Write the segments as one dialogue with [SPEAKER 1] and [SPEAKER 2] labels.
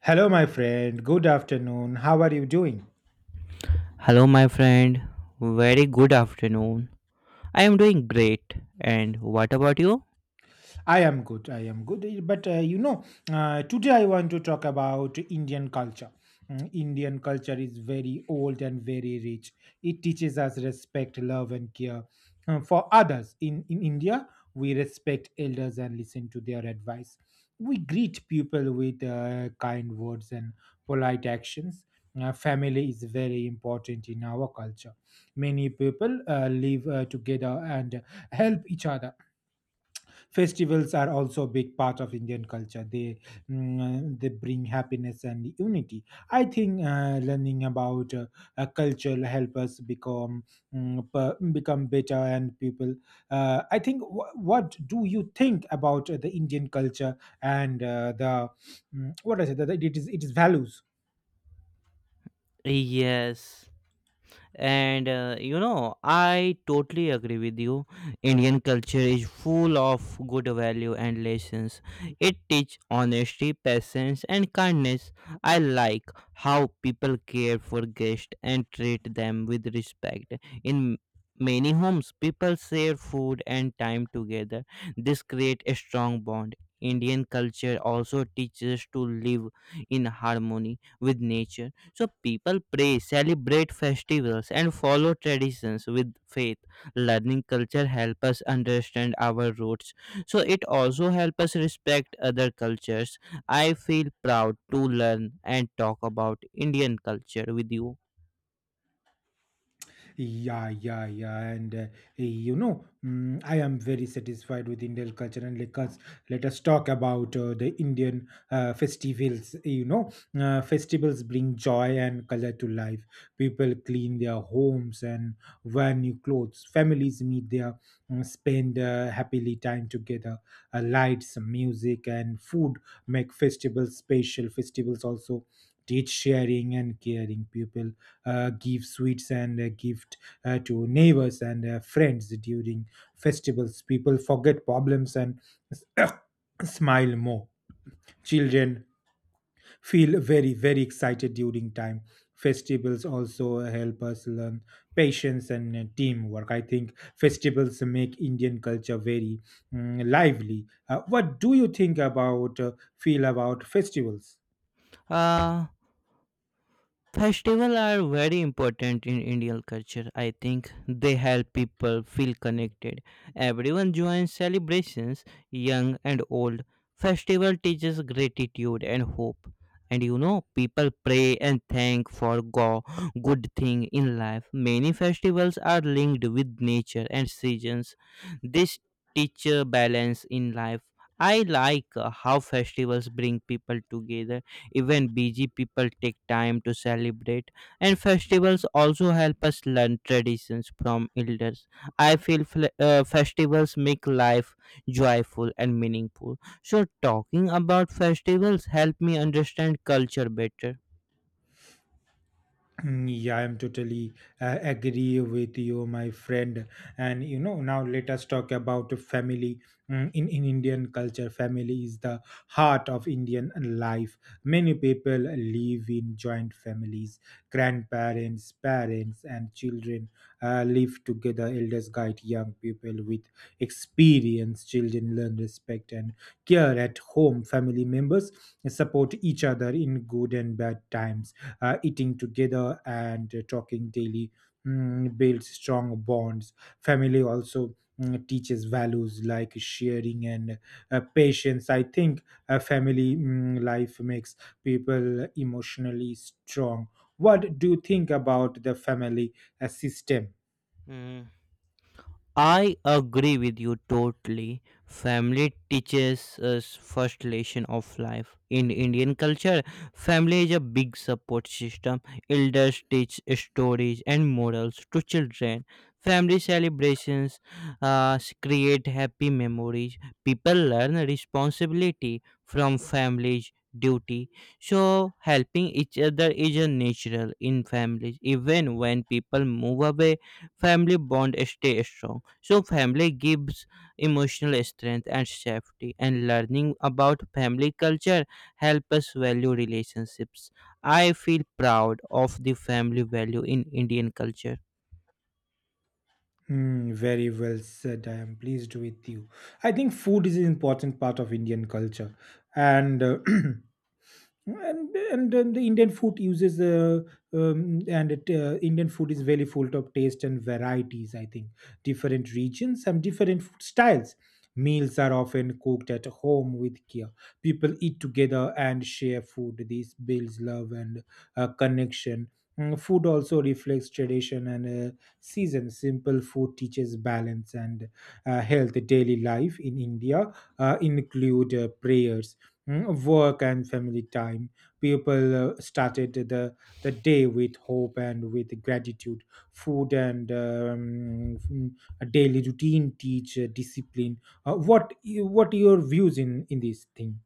[SPEAKER 1] Hello, my friend. Good afternoon. How are you doing?
[SPEAKER 2] Hello, my friend. Very good afternoon. I am doing great. And what about you?
[SPEAKER 1] I am good. I am good. But today I want to talk about Indian culture. Indian culture is very old and very rich. It teaches us respect, love, and care for others. In India, we respect elders and listen to their advice. We greet people with kind words and polite actions. Family is very important in our culture. Many people live together and help each other. Festivals are also a big part of Indian culture. They bring happiness and unity. I think learning about culture help us become become better and people. I think what do you think about the Indian culture and what I said? That it is values.
[SPEAKER 2] Yes. And you know, I totally agree with you. Indian culture is full of good value and lessons. It teaches honesty, patience, and kindness. I like how people care for guests and treat them with respect. In many homes, people share food and time together. This creates a strong bond. Indian culture also teaches to live in harmony with nature, so people pray, celebrate festivals, and follow traditions with faith. Learning culture helps us understand our roots. So it also helps us respect other cultures. I feel proud to learn and talk about Indian culture with you.
[SPEAKER 1] Yeah, yeah, yeah, and I am very satisfied with Indian culture, and let us talk about the Indian festivals. You know, festivals bring joy and color to life. People clean their homes and wear new clothes. Families meet there, spend happily time together. Lights, music, and food make festivals special. Festivals also teach sharing and caring. People give sweets and gift to neighbors and friends during festivals. People forget problems and smile more. Children feel very, very excited during time. Festivals also help us learn patience and teamwork. I think festivals make Indian culture very lively. What do you think about feel about festivals?
[SPEAKER 2] Uh, Festivals are very important in Indian culture. I think they help people feel connected. Everyone joins celebrations, young and old. Festival teaches gratitude and hope. And you know, people pray and thank for good thing in life. Many festivals are linked with nature and seasons. This teacher balance in life. I like how festivals bring people together, even busy people take time to celebrate, and festivals also help us learn traditions from elders. I feel festivals make life joyful and meaningful. So, talking about festivals help me understand culture better.
[SPEAKER 1] Yeah, I'm totally agree with you, my friend. And you know, now let us talk about family. In Indian culture, family is the heart of Indian life. Many people live in joint families, grandparents, parents and children live together. Elders guide young people with experience. Children learn respect and care at home. Family members support each other in good and bad times. Eating together and talking daily builds strong bonds. Family also teaches values like sharing and patience. I think a family life makes people emotionally strong. What do you think about the family system?
[SPEAKER 2] Hmm. I agree with you totally. Family teaches us first lesson of life. In Indian culture, family is a big support system. Elders teach stories and morals to children. Family celebrations create happy memories. People learn responsibility from families duty, so helping each other is a natural in families. Even when people move away, family bond stay strong. So family gives emotional strength and safety, and learning about family culture help us value relationships. I feel proud of the family value in Indian culture.
[SPEAKER 1] Hmm, very well said. I am pleased with you. I think food is an important part of Indian culture, and and then the Indian food uses and it, Indian food is very full of taste and varieties. I think different regions have different food styles. Meals are often cooked at home with care. People eat together and share food. This builds love and connection. Food also reflects tradition and season. Simple food teaches balance and health. Daily life in India include prayers, work, and family time. People started the day with hope and with gratitude. Food and a daily routine teach discipline. What what your views in this thing?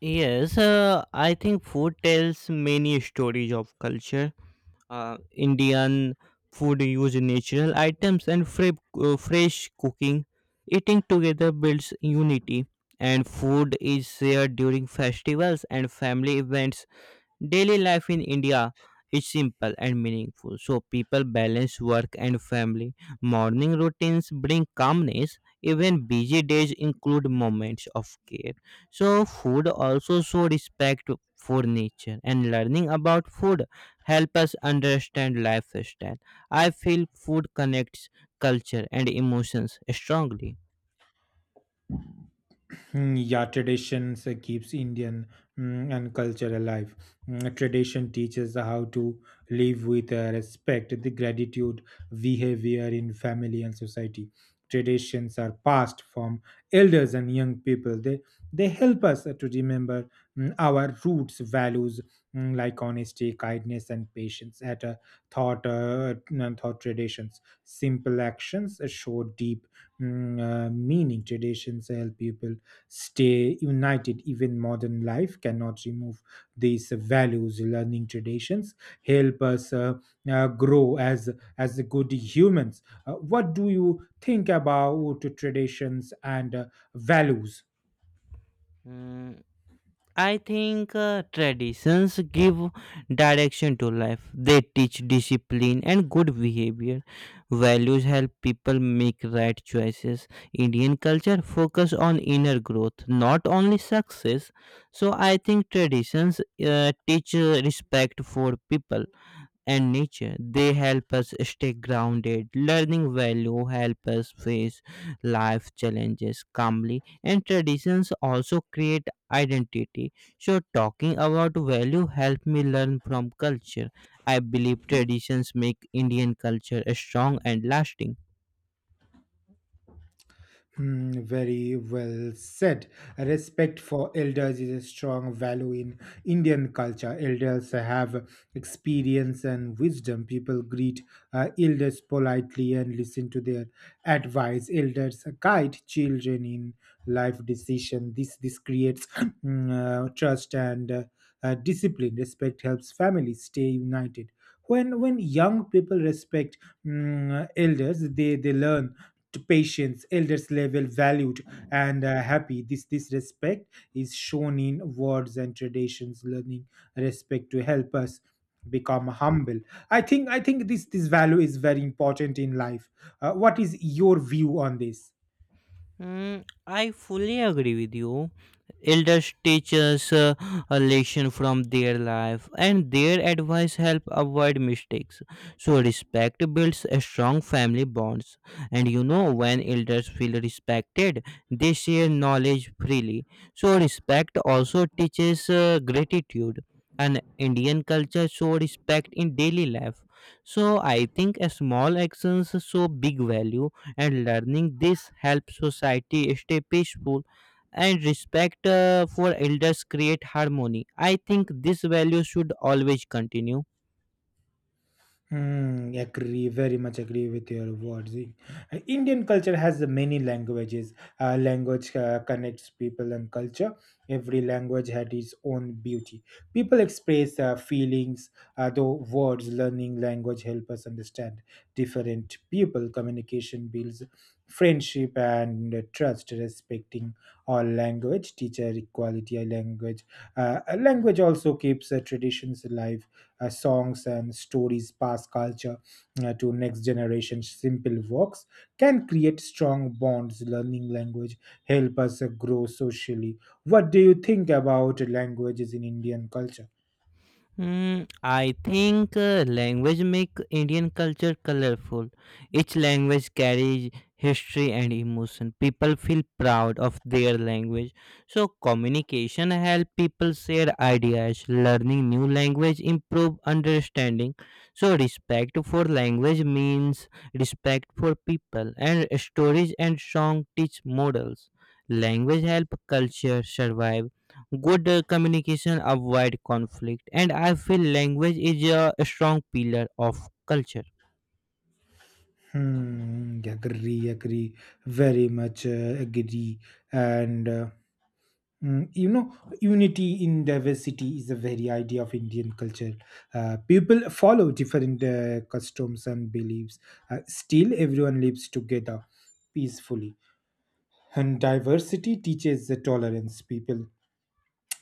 [SPEAKER 2] Yes, I think food tells many stories of culture. Indian food use natural items and fresh cooking. Eating together builds unity, and food is shared during festivals and family events. Daily life in India is simple and meaningful, so people balance work and family. Morning routines bring calmness, even busy days include moments of care. So, food also shows respect for nature, and learning about food helps us understand lifestyle. I feel food connects culture and emotions strongly.
[SPEAKER 1] Hmm. Yeah, traditions keeps Indian and culture alive. Tradition teaches how to live with respect, the gratitude, behavior in family and society. Traditions are passed from elders and young people. They help us to remember our roots, values like honesty, kindness, and patience. At a thought, thought traditions, simple actions show deep meaning. Traditions help people stay united. Even modern life cannot remove these values. Learning traditions help us grow as good humans. What do you think about traditions and values?
[SPEAKER 2] I think traditions give direction to life. They teach discipline and good behavior. Values help people make right choices. Indian culture focus on inner growth, not only success. So I think traditions teach respect for people and nature. They help us stay grounded. Learning value help us face life challenges calmly, and traditions also create identity. So, talking about value help me learn from culture. I believe traditions make Indian culture strong and lasting.
[SPEAKER 1] Hmm, very well said. Respect for elders is a strong value in Indian culture. Elders have experience and wisdom. People greet elders politely and listen to their advice. Elders guide children in life decision. This creates trust and discipline. Respect helps families stay united. When young people respect elders, they learn to patience. Elders level valued and happy. This respect is shown in words and traditions. Learning respect to help us become humble. I think this value is very important in life. What is your view on this?
[SPEAKER 2] Mm, I fully agree with you. Elders teach us a lesson from their life, and their advice help avoid mistakes. So respect builds a strong family bonds, and you know, when elders feel respected, they share knowledge freely. So respect also teaches gratitude. And Indian culture show respect in daily life. So I think a small actions show big value, and learning this helps society stay peaceful, and respect for elders create harmony. I think this value should always continue.
[SPEAKER 1] Hmm, agree, very much agree with your words. Indian culture has many languages. Language connects people and culture. Every language had its own beauty. People express feelings, though words. Learning language help us understand different people. Communication builds friendship and trust. Respecting all language, teacher equality, a language. A language also keeps traditions alive. Songs and stories pass culture to next generation. Simple works can create strong bonds. Learning language help us grow socially. What do you think about languages in Indian culture?
[SPEAKER 2] Mm, I think language make Indian culture colorful. Each language carries history and emotion. People feel proud of their language. So communication help people share ideas. Learning new language improve understanding. So respect for language means respect for people. And stories and song teach models. Language help culture survive. Good communication avoid conflict, and I feel language is a strong pillar of culture.
[SPEAKER 1] Hmm, agree, very much agree. And you know, unity in diversity is the very idea of Indian culture. People follow different customs and beliefs. Still, everyone lives together peacefully. And diversity teaches the tolerance. People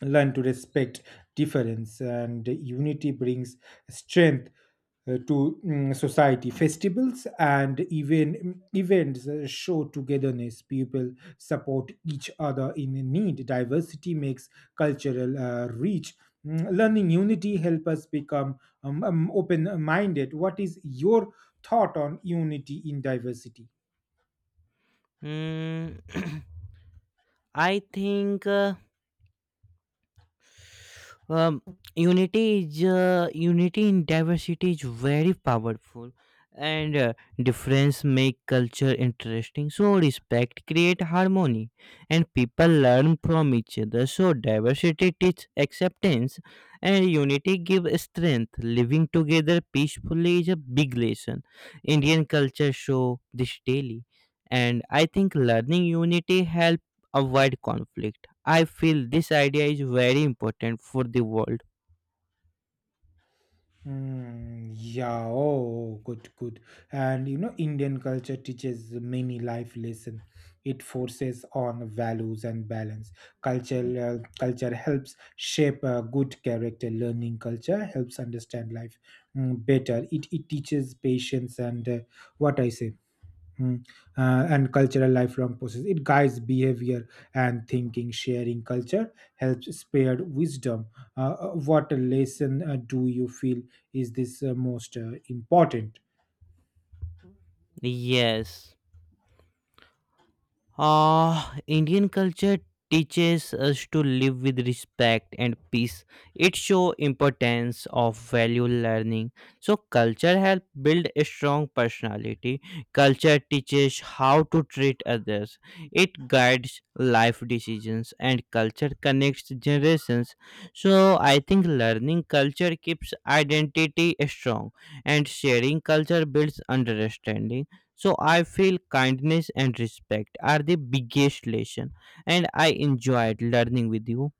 [SPEAKER 1] learn to respect difference, and unity brings strength to society. Festivals and even events show togetherness. People support each other in need. Diversity makes cultural reach. Learning unity help us become open minded. What is your thought on unity in diversity?
[SPEAKER 2] Hmm, I think um, unity in diversity is very powerful, and difference make culture interesting. So respect create harmony, and people learn from each other. So diversity teach acceptance, and unity give strength. Living together peacefully is a big lesson. Indian culture show this daily, and I think learning unity help avoid conflict. I feel this idea is very important for the world.
[SPEAKER 1] Yeah, oh, good, good. And you know, Indian culture teaches many life lesson. It forces on values and balance. Cultural Culture helps shape a good character. Learning culture helps understand life better. It teaches patience and what I say. Mm. And cultural lifelong process. It guides behavior and thinking. Sharing culture helps spread wisdom. What lesson do you feel is this most important?
[SPEAKER 2] Yes. Ah, Indian culture teaches us to live with respect and peace. It shows importance of value learning. So culture help build a strong personality. Culture teaches how to treat others. It guides life decisions, and culture connects generations. So I think learning culture keeps identity strong, and sharing culture builds understanding. So I feel kindness and respect are the biggest lesson, and I enjoyed learning with you.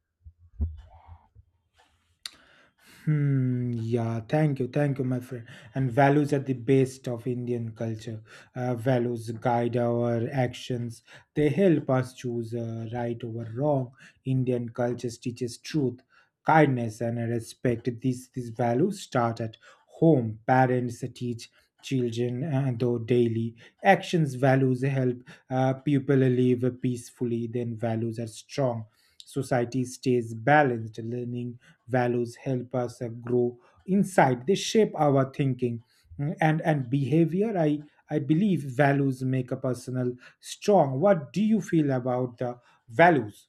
[SPEAKER 1] Hmm, yeah, thank you, my friend. And values are the best of Indian culture. Values guide our actions. They help us choose right over wrong. Indian culture teaches truth, kindness, and respect. These values start at home. Parents teach children though daily actions. Values help people live peacefully. Then values are strong, society stays balanced. Learning values help us grow inside. They shape our thinking and behavior. I believe values make a personal strong. What do you feel about the values?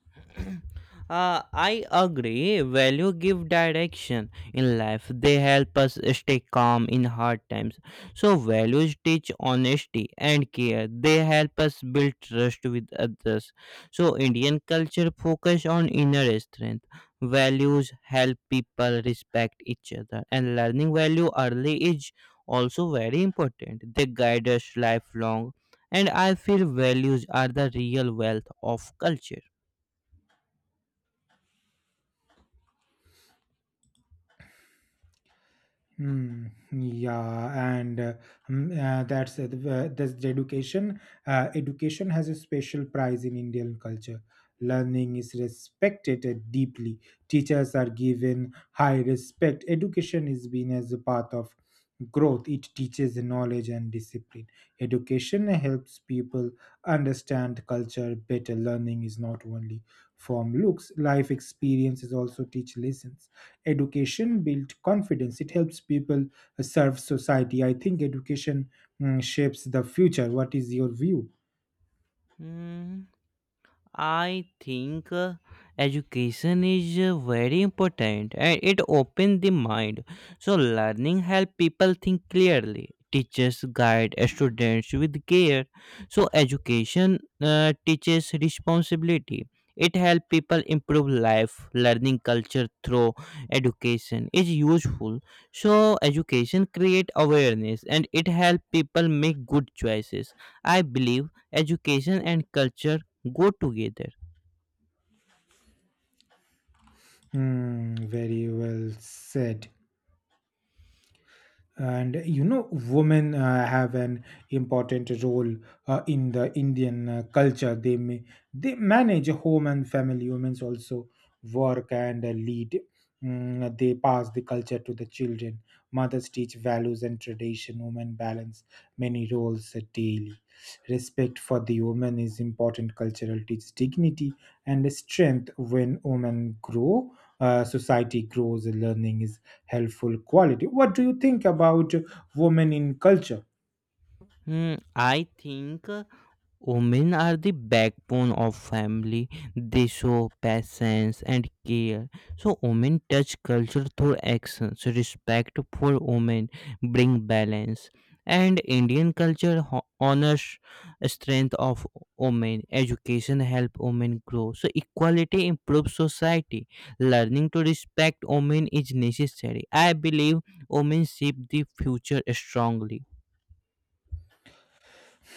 [SPEAKER 2] I agree. Value give direction in life. They help us stay calm in hard times. So values teach honesty and care. They help us build trust with others. So Indian culture focus on inner strength. Values help people respect each other, and learning value early is also very important. They guide us lifelong, and I feel values are the real wealth of culture.
[SPEAKER 1] Hmm. Yeah, and mm, that's the- that's the education. Education has a special prize in Indian culture. Learning is respected deeply. Teachers are given high respect. Education is seen as a path of growth. It teaches knowledge and discipline. Education helps people understand culture better. Learning is not only from looks. Life experiences also teach lessons. Education builds confidence. It helps people serve society. I think education shapes the future. What is your view?
[SPEAKER 2] 嗯。I think education is very important and it opens the mind. So learning help people think clearly. Teachers guide students with care. So education teaches responsibility. It help people improve life. Learning culture through education is useful. So education create awareness, and it help people make good choices. I believe education and culture go together.
[SPEAKER 1] Hmm, very well said. And you know, women have an important role in the Indian culture. They manage home and family. Women also work and lead. They pass the culture to the children. Mothers teach values and tradition. Women balance many roles daily. Respect for the woman is important. Cultural teaches dignity and strength. When women grow, society grows. Learning is helpful quality. What do you think about women in culture?
[SPEAKER 2] Hmm, I think women are the backbone of family. They show patience and care. So women touch culture through actions. Respect for women bring balance. And Indian culture honors strength of women. Education help women grow. So equality improves society. Learning to respect women is necessary. I believe women shape the future strongly.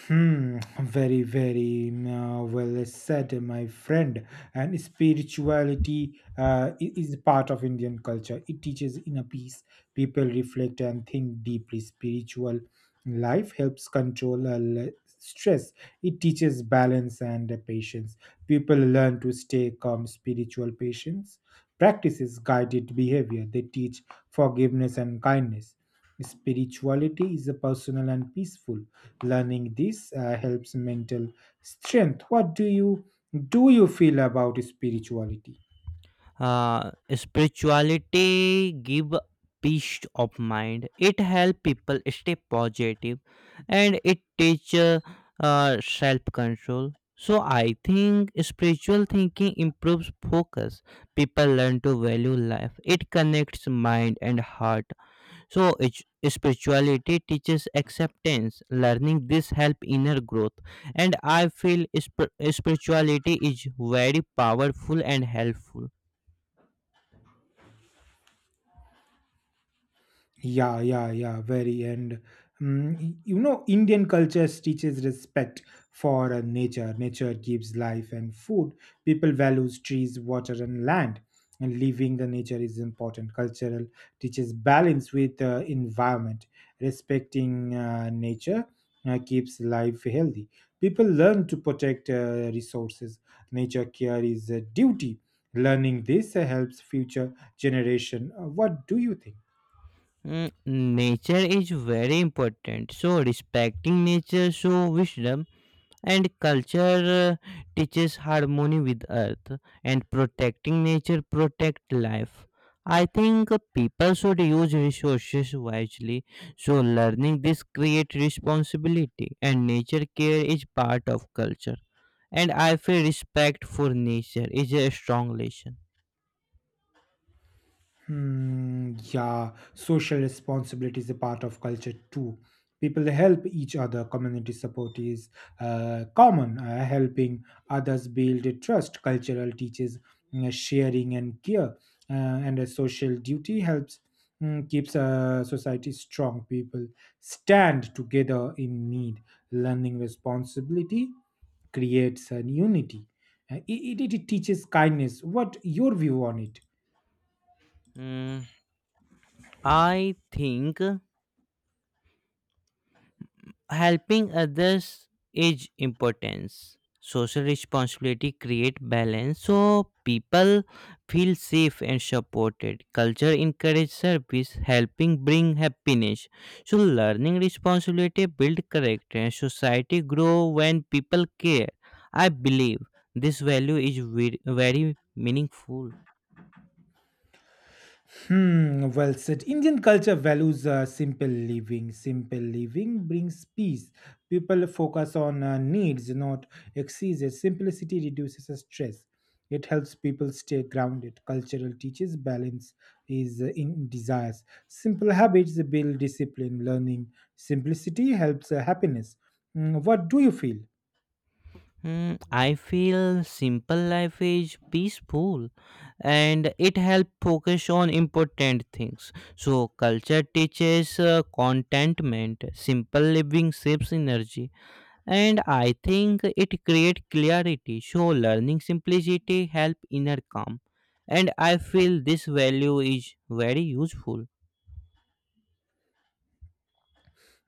[SPEAKER 1] Hmm, very, very well said, my friend. And spirituality is part of Indian culture. It teaches inner peace. People reflect and think deeply. Spiritual life helps control stress. It teaches balance and patience. People learn to stay calm. Spiritual patience practices guided behavior. They teach forgiveness and kindness. Spirituality is a personal and peaceful. Learning this helps mental strength. What do you Do you feel about spirituality?
[SPEAKER 2] Spirituality give peace of mind. It help people stay positive, and it teach self control. So I think spiritual thinking improves focus. People learn to value life. It connects mind and heart. So spirituality teaches acceptance. Learning this help inner growth, and I feel spirituality is very powerful and helpful.
[SPEAKER 1] Yeah, yeah, yeah, very. And you know, Indian culture teaches respect for nature. Nature gives life and food. People values trees, water, and land. And living the nature is important. Cultural teaches balance with environment. Respecting nature keeps life healthy. People learn to protect resources. Nature care is a duty. Learning this helps future generation. What do you think?
[SPEAKER 2] Mm, nature is very important. So, respecting nature shows wisdom, and culture teaches harmony with earth, and protecting nature protect life. I think people should use resources wisely. So, learning this create responsibility, and nature care is part of culture. And I feel respect for nature is a strong lesson.
[SPEAKER 1] Hmm, yeah, social responsibility is a part of culture too. People help each other. Community support is common. Helping others build a trust. Cultural teaches sharing and care, and a social duty helps keeps society strong. People stand together in need. Learning responsibility creates an unity. It teaches kindness. What your view on it?
[SPEAKER 2] Mm, I think. Helping others is importance. Social responsibility create balance, so people feel safe and supported. Culture encourage service. Helping bring happiness. So learning responsibility build character, and society grow when people care. I believe this value is very meaningful.
[SPEAKER 1] Hmm, well said. Indian culture values simple living. Simple living brings peace. People focus on needs, not excesses. Simplicity reduces the stress. It helps people stay grounded. Cultural teaches balance is in desires. Simple habits build discipline. Learning simplicity helps happiness. Hmm, what do you feel?
[SPEAKER 2] Hmm, I feel simple life is peaceful, and it helps focus on important things. So, culture teaches contentment. Simple living saves energy, and I think it creates clarity. So, learning simplicity helps inner calm, and I feel this value is very useful.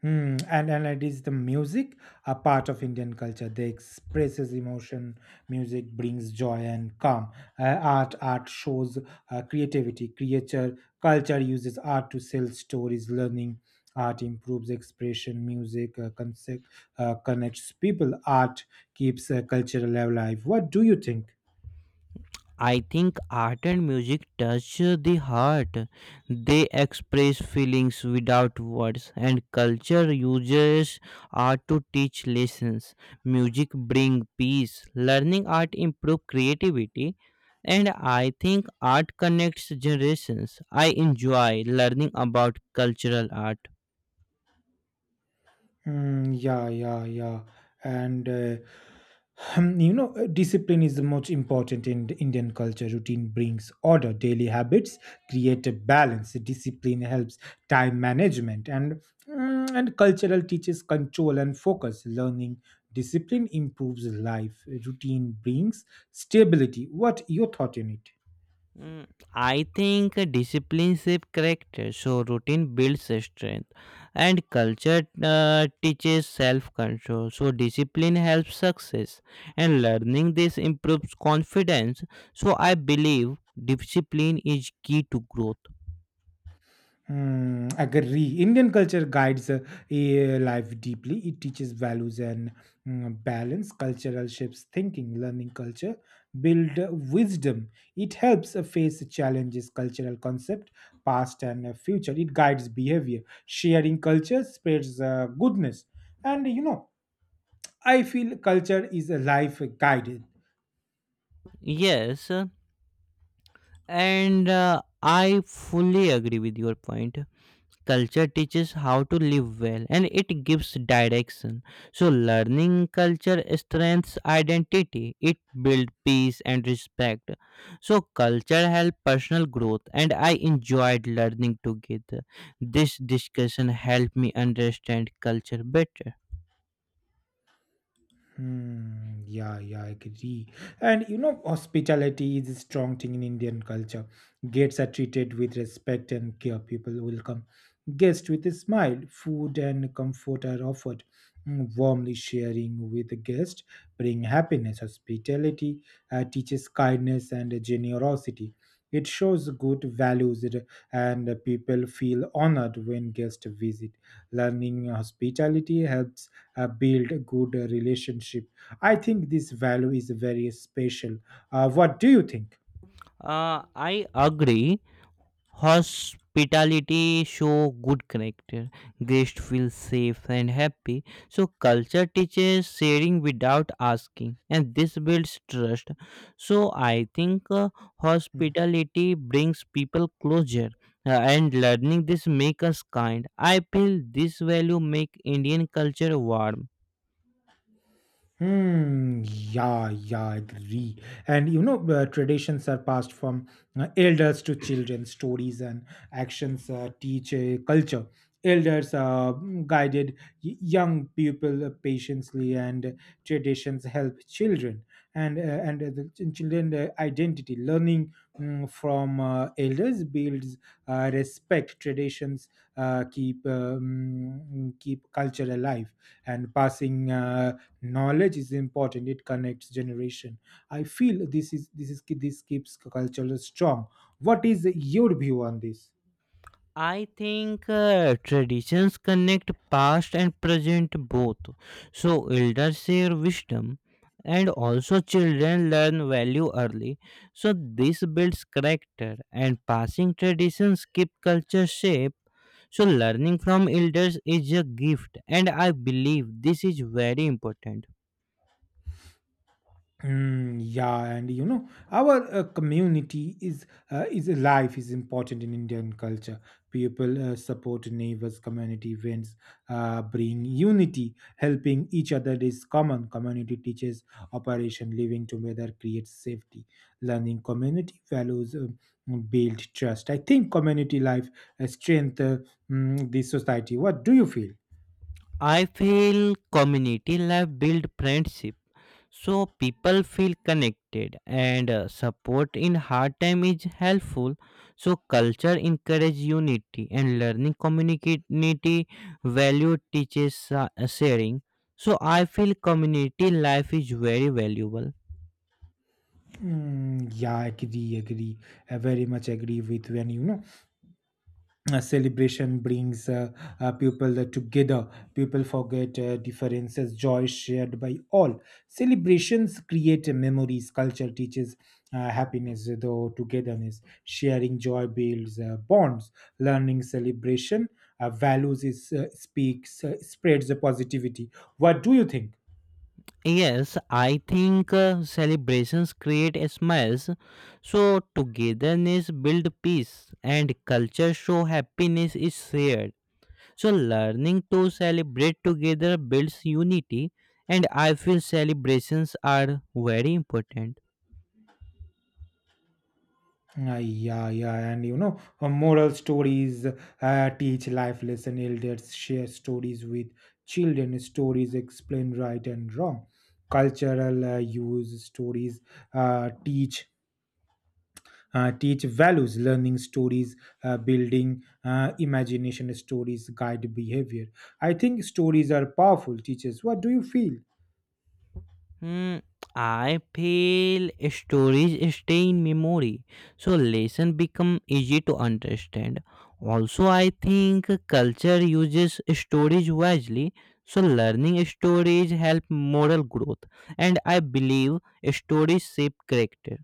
[SPEAKER 1] Hmm, and it is the music, a part of Indian culture. They expresses emotion. Music brings joy and calm. Art shows creativity. Creature culture uses art to sell stories. Learning art improves expression. Music connects people. Art keeps cultural alive. What do you think?
[SPEAKER 2] I think art and music touch the heart. They express feelings without words, and culture uses art to teach lessons. Music brings peace. Learning art improves creativity, and I think art connects generations. I enjoy learning about cultural art.
[SPEAKER 1] Mm, yeah, yeah, yeah. And discipline is the most important in the Indian culture. Routine brings order. Daily habits create a balance. Discipline helps time management, and cultural teaches control and focus. Learning discipline improves life. Routine brings stability. What your thought in it?
[SPEAKER 2] Mm, I think discipline shapes character, so routine builds strength, and culture teaches self-control. So discipline helps success, and learning this improves confidence. So I believe discipline is key to growth.
[SPEAKER 1] Hmm. Agree. Indian culture guides life deeply. It teaches values and balance. Cultural shapes thinking. Learning culture build wisdom. It helps face challenges. Cultural concept, past and future. It guides behavior. Sharing culture spreads goodness. And I feel culture is a life guide.
[SPEAKER 2] Yes, and I fully agree with your point. Culture teaches how to live well, and it gives direction. So, learning culture strengthens identity. It builds peace and respect. So, culture helps personal growth, and I enjoyed learning together. This discussion helped me understand culture better.
[SPEAKER 1] Hmm, yeah, yeah, I agree. And hospitality is a strong thing in Indian culture. Guests are treated with respect and care. People welcome guests with a smile. Food and comfort are offered. Warmly sharing with the guest bring happiness. Hospitality teaches kindness and generosity. It shows good values, and people feel honored when guests visit. Learning hospitality helps build a good relationship. I think this value is very special. What do you think?
[SPEAKER 2] I agree. Hospitality show good character. Guests feel safe and happy. So culture teaches sharing without asking, and this builds trust. So I think
[SPEAKER 1] Mm.
[SPEAKER 2] hospitality brings people closer, and learning this make us kind. I feel this value make Indian culture warm.
[SPEAKER 1] Hmm. Yeah. Yeah. I agree. And traditions are passed from elders to children. Stories and actions teach a culture. Elders guided young people patiently, and traditions help children and the children identity. Learning from elders builds respect. Traditions keep culture alive, and passing. Knowledge is important. It connects generation. I feel this keeps culture strong. What is your view on this?
[SPEAKER 2] I think traditions connect past and present both. So elders share wisdom, and also children learn value early. So this builds character, and passing traditions keep culture shape. So learning from elders is a gift, and I believe this is very important.
[SPEAKER 1] Mm, yeah, and our community is life is important in Indian culture. People support neighbors. Community events bring unity. Helping each other is common. Community teaches operation. Living together creates safety. Learning community values build trust. I think community life strength the society. What do you feel?
[SPEAKER 2] I feel community life build friendship, so people feel connected, and support in hard time is helpful. So culture encourage unity, and learning community value teaches sharing. So I feel community life is very valuable.
[SPEAKER 1] Mm, yeah, agree, agree. I very much agree with when you know. A celebration brings people together. People forget differences. Joy shared by all. Celebrations create memories. Culture teaches happiness though togetherness. Sharing joy builds bonds. Learning celebration values is speaks spreads the positivity. What do you think?
[SPEAKER 2] Yes, I think celebrations create smiles, so togetherness build peace, and culture show happiness is shared. So, learning to celebrate together builds unity, and I feel celebrations are very important.
[SPEAKER 1] Ah, yeah, yeah, and moral stories teach life lesson. Elders share stories with children. Stories explain right and wrong. Cultural use stories uh, teach teach values. Learning stories, building imagination. Stories guide behavior. I think stories are powerful teachers. What do you feel?
[SPEAKER 2] Hmm, I feel stories stay in memory, so lessons become easy to understand. Also, I think culture uses stories wisely, so learning stories help moral growth, and I believe stories shape character.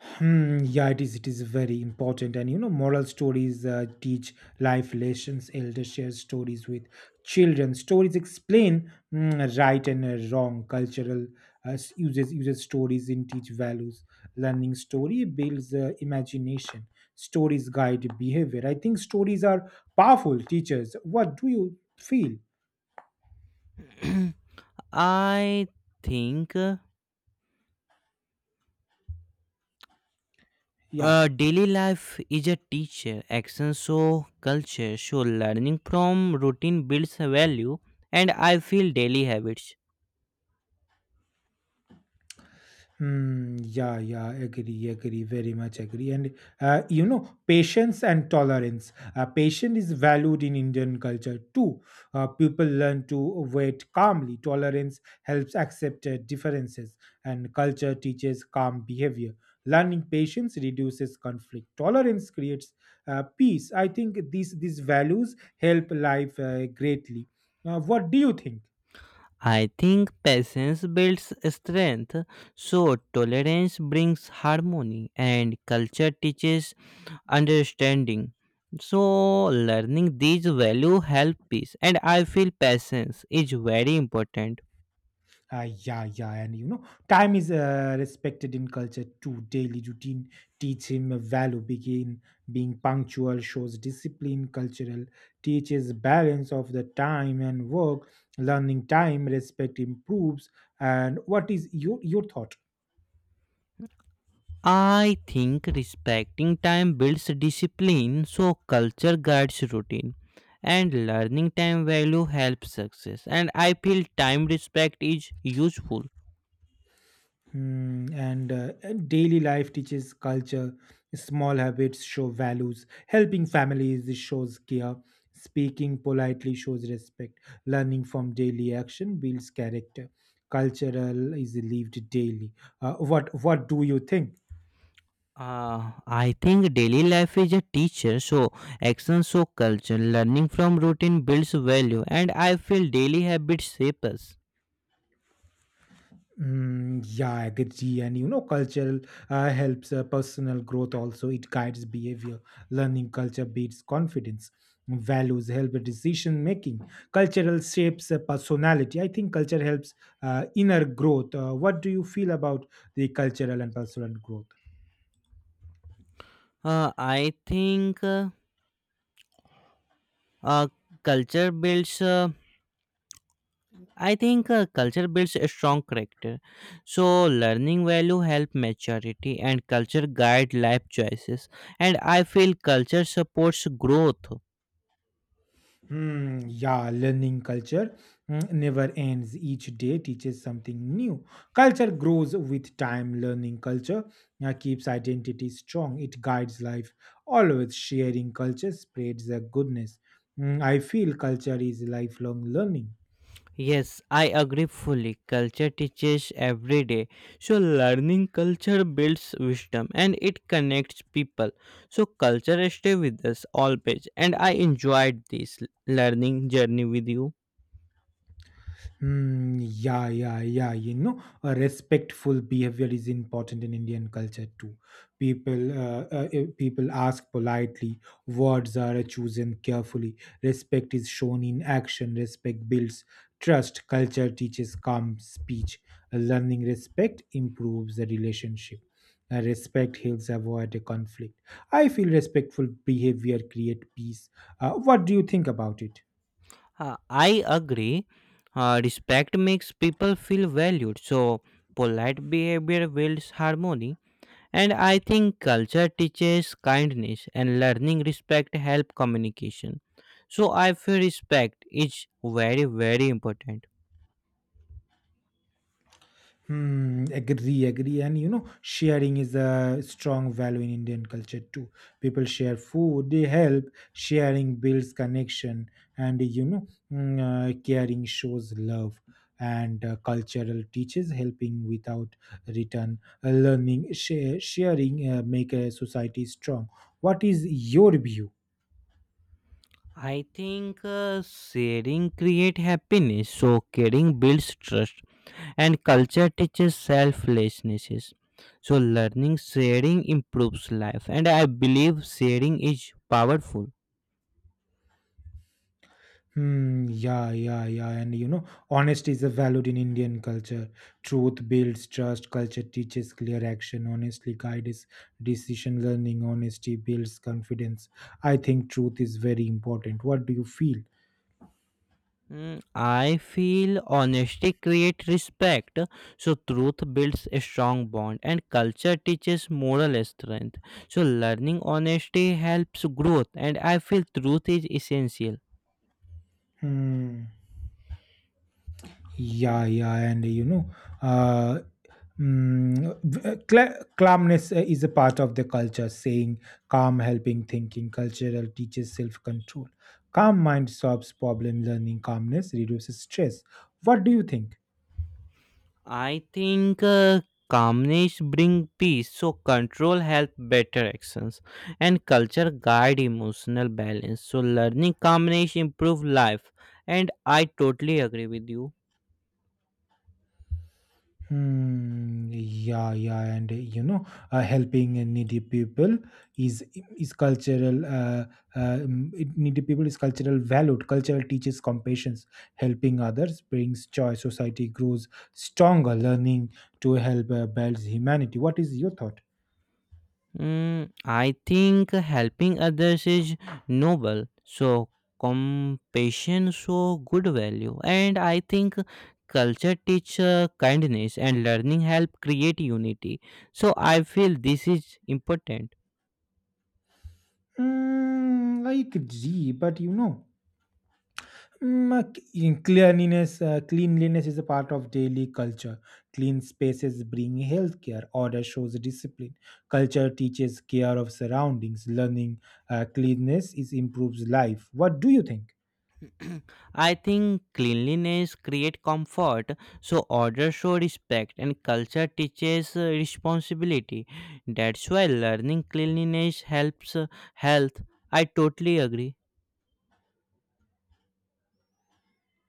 [SPEAKER 1] Hmm, yeah, it is. It is very important. And moral stories teach life lessons. Elders share stories with children. Stories explain right and wrong. Cultural uses stories in teach values. Learning story builds imagination. Stories guide behavior. I think stories are powerful teachers. What do you feel?
[SPEAKER 2] I think.
[SPEAKER 1] Yeah.
[SPEAKER 2] Daily life is a teacher. Action show culture. So learning from routine builds value, and I feel daily habits.
[SPEAKER 1] Hmm. Yeah, yeah, agree, agree, very much agree. And patience and tolerance. Patience is valued in Indian culture too. People learn to wait calmly. Tolerance helps accept differences, and culture teaches calm behavior. Learning patience reduces conflict. Tolerance creates peace. I think these values help life greatly. What do you think?
[SPEAKER 2] I think patience builds strength. So tolerance brings harmony, and culture teaches understanding. So learning these value help peace, and I feel patience is very important.
[SPEAKER 1] Yeah, yeah, and time is respected in culture too. Daily routine teach him a value. Begin being punctual shows discipline. Cultural teaches balance of the time and work. Learning time respect improves. And what is your thought?
[SPEAKER 2] I think respecting time builds discipline, so culture guides routine, and learning time value helps success. And I feel time respect is useful.
[SPEAKER 1] Hmm, and daily life teaches culture. Small habits show values. Helping families shows care. Speaking politely shows respect. Learning from daily action builds character. Cultural is lived daily. What do you think?
[SPEAKER 2] I think daily life is a teacher, so action, so culture. Learning from routine builds value, and I feel daily habits shape us.
[SPEAKER 1] Mm, yeah, I agree. And cultural helps personal growth also. It guides behavior. Learning culture builds confidence. Values help with decision making. Cultural shapes personality. I think culture helps inner growth. What do you feel about the cultural and personal growth?
[SPEAKER 2] Uh, I think uh, uh, culture builds. Uh, I think culture builds a strong character. So learning value help maturity, and culture guide life choices. And I feel culture supports growth.
[SPEAKER 1] Hmm, yeah, learning culture never ends. Each day teaches something new. Culture grows with time. Learning culture keeps identity strong. It guides life. Always sharing culture spreads the goodness. I feel culture is lifelong learning.
[SPEAKER 2] Yes, I agree fully. Culture teaches every day. So learning culture builds wisdom, and it connects people. So culture stay with us always. And I enjoyed this learning journey with you.
[SPEAKER 1] Hmm, yeah, yeah, yeah. A respectful behavior is important in Indian culture too. People ask politely. Words are chosen carefully. Respect is shown in action. Respect builds trust. Culture teaches calm speech. Learning respect improves the relationship. Respect helps avoid a conflict. I feel respectful behavior create peace. What do you think about it?
[SPEAKER 2] I agree. Respect makes people feel valued, so polite behavior builds harmony. And I think culture teaches kindness, and learning respect help communication. So I feel respect is very very important.
[SPEAKER 1] Hmm, agree, agree. And sharing is a strong value in Indian culture too. People share food, they help. Sharing builds connection, and caring shows love. And cultural teaches helping without return. Learning, sharing make a society strong. What is your view?
[SPEAKER 2] I think sharing create happiness, so caring builds trust, and culture teaches selflessness. So, learning sharing improves life, and I believe sharing is powerful.
[SPEAKER 1] Hmm, yeah, yeah, yeah. And honesty is a valued in Indian culture. Truth builds trust, culture teaches clear action, honestly guides decision learning, honesty builds confidence. I think truth is very important. What do you feel?
[SPEAKER 2] Mm, I feel honesty creates respect, so truth builds a strong bond, and culture teaches moral strength. So, learning honesty helps growth, and I feel truth is essential.
[SPEAKER 1] Hmm. Yeah, yeah, and uh, Mm, calmness is a part of the culture, saying calm, helping thinking, cultural teaches self control. Calm mind solves problem learning, calmness reduces stress. What do you think?
[SPEAKER 2] I think calmness bring peace, so control help better actions, and culture guide emotional balance. So learning calmness improve life, and I totally agree with you.
[SPEAKER 1] Hmm. Yeah, yeah, and helping needy people is is cultural. Needy people is cultural valued. Cultural teaches compassion. Helping others brings joy. Society grows stronger. Learning to help builds humanity. What is your thought?
[SPEAKER 2] Mm, I think helping others is noble, so compassion so good value, and I think culture teach kindness, and learning help create unity. So I feel this is important.
[SPEAKER 1] Mm, I agree, but you know. Cleanliness is a part of daily culture. Clean spaces bring healthcare. Order shows discipline. Culture teaches care of surroundings. Learning cleanliness is improves life. What do you think?
[SPEAKER 2] I think cleanliness creates comfort, so order shows respect, and culture teaches responsibility. That's why learning cleanliness helps health. I totally agree.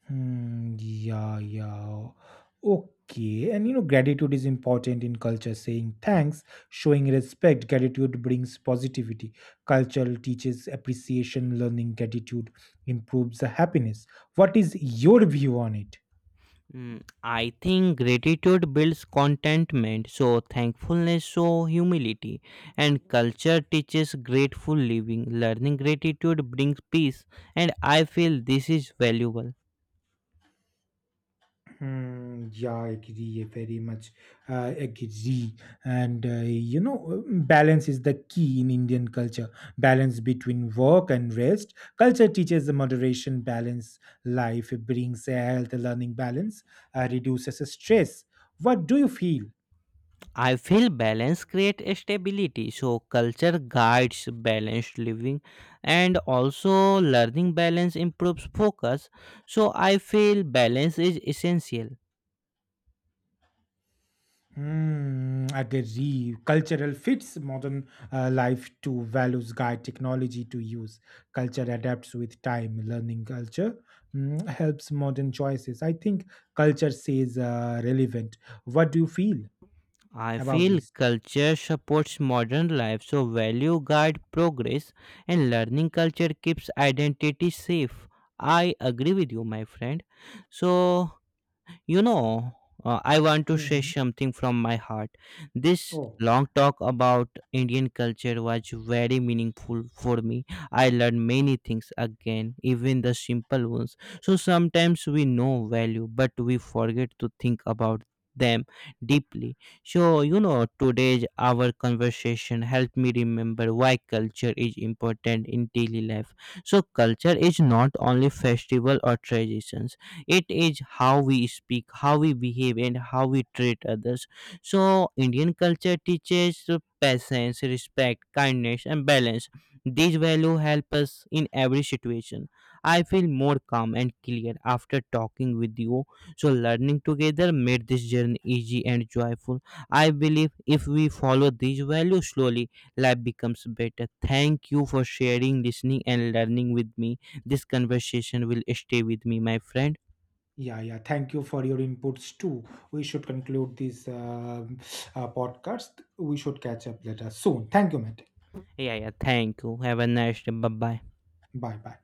[SPEAKER 1] Hmm, yeah, yeah. Okay. And gratitude is important in culture. Saying thanks, showing respect, gratitude brings positivity. Culture teaches appreciation, learning gratitude improves the happiness. What is your view on it?
[SPEAKER 2] Mm, I think gratitude builds contentment, so thankfulness shows humility, and culture teaches grateful living. Learning gratitude brings peace, and I feel this is valuable.
[SPEAKER 1] Hmm, yeah, I agree. I very much agree. And balance is the key in Indian culture. Balance between work and rest. Culture teaches the moderation, balance, life. It brings a health, learning balance, reduces stress. What do you feel?
[SPEAKER 2] I feel balance creates stability. So culture guides balanced living, and also learning balance improves focus. So I feel balance is essential.
[SPEAKER 1] Hmm, agree. Cultural fits modern life to values guide technology to use. Culture adapts with time. Learning culture helps modern choices. I think culture says relevant. What do you feel
[SPEAKER 2] I
[SPEAKER 1] about
[SPEAKER 2] feel
[SPEAKER 1] this?
[SPEAKER 2] culture supports modern life. So value guide progress and learning culture keeps identity safe. I agree with you, my friend. So you know, I want to say
[SPEAKER 1] Mhm.
[SPEAKER 2] something from my heart. This
[SPEAKER 1] Oh,
[SPEAKER 2] long talk about Indian culture was very meaningful for me. I learned many things again, even the simple ones. So sometimes we know value, but we forget to think about them deeply. So, you know, today's our conversation helped me remember why culture is important in daily life. So, culture is not only festival or traditions, it is how we speak, how we behave, and how we treat others. So Indian culture teaches patience, respect, kindness, and balance. These values help us in every situation. I feel more calm and clear after talking with you. So learning together made this journey easy and joyful. I believe if we follow these values slowly, life becomes better. Thank you for sharing, listening, and learning with me. This conversation will stay with me, my friend.
[SPEAKER 1] yeah, yeah. Thank you for your inputs too. We should conclude this podcast. We should catch up later soon. Thank you, Matt.
[SPEAKER 2] Yeah, yeah. Thank you. Have a nice day. Bye bye.
[SPEAKER 1] Bye bye.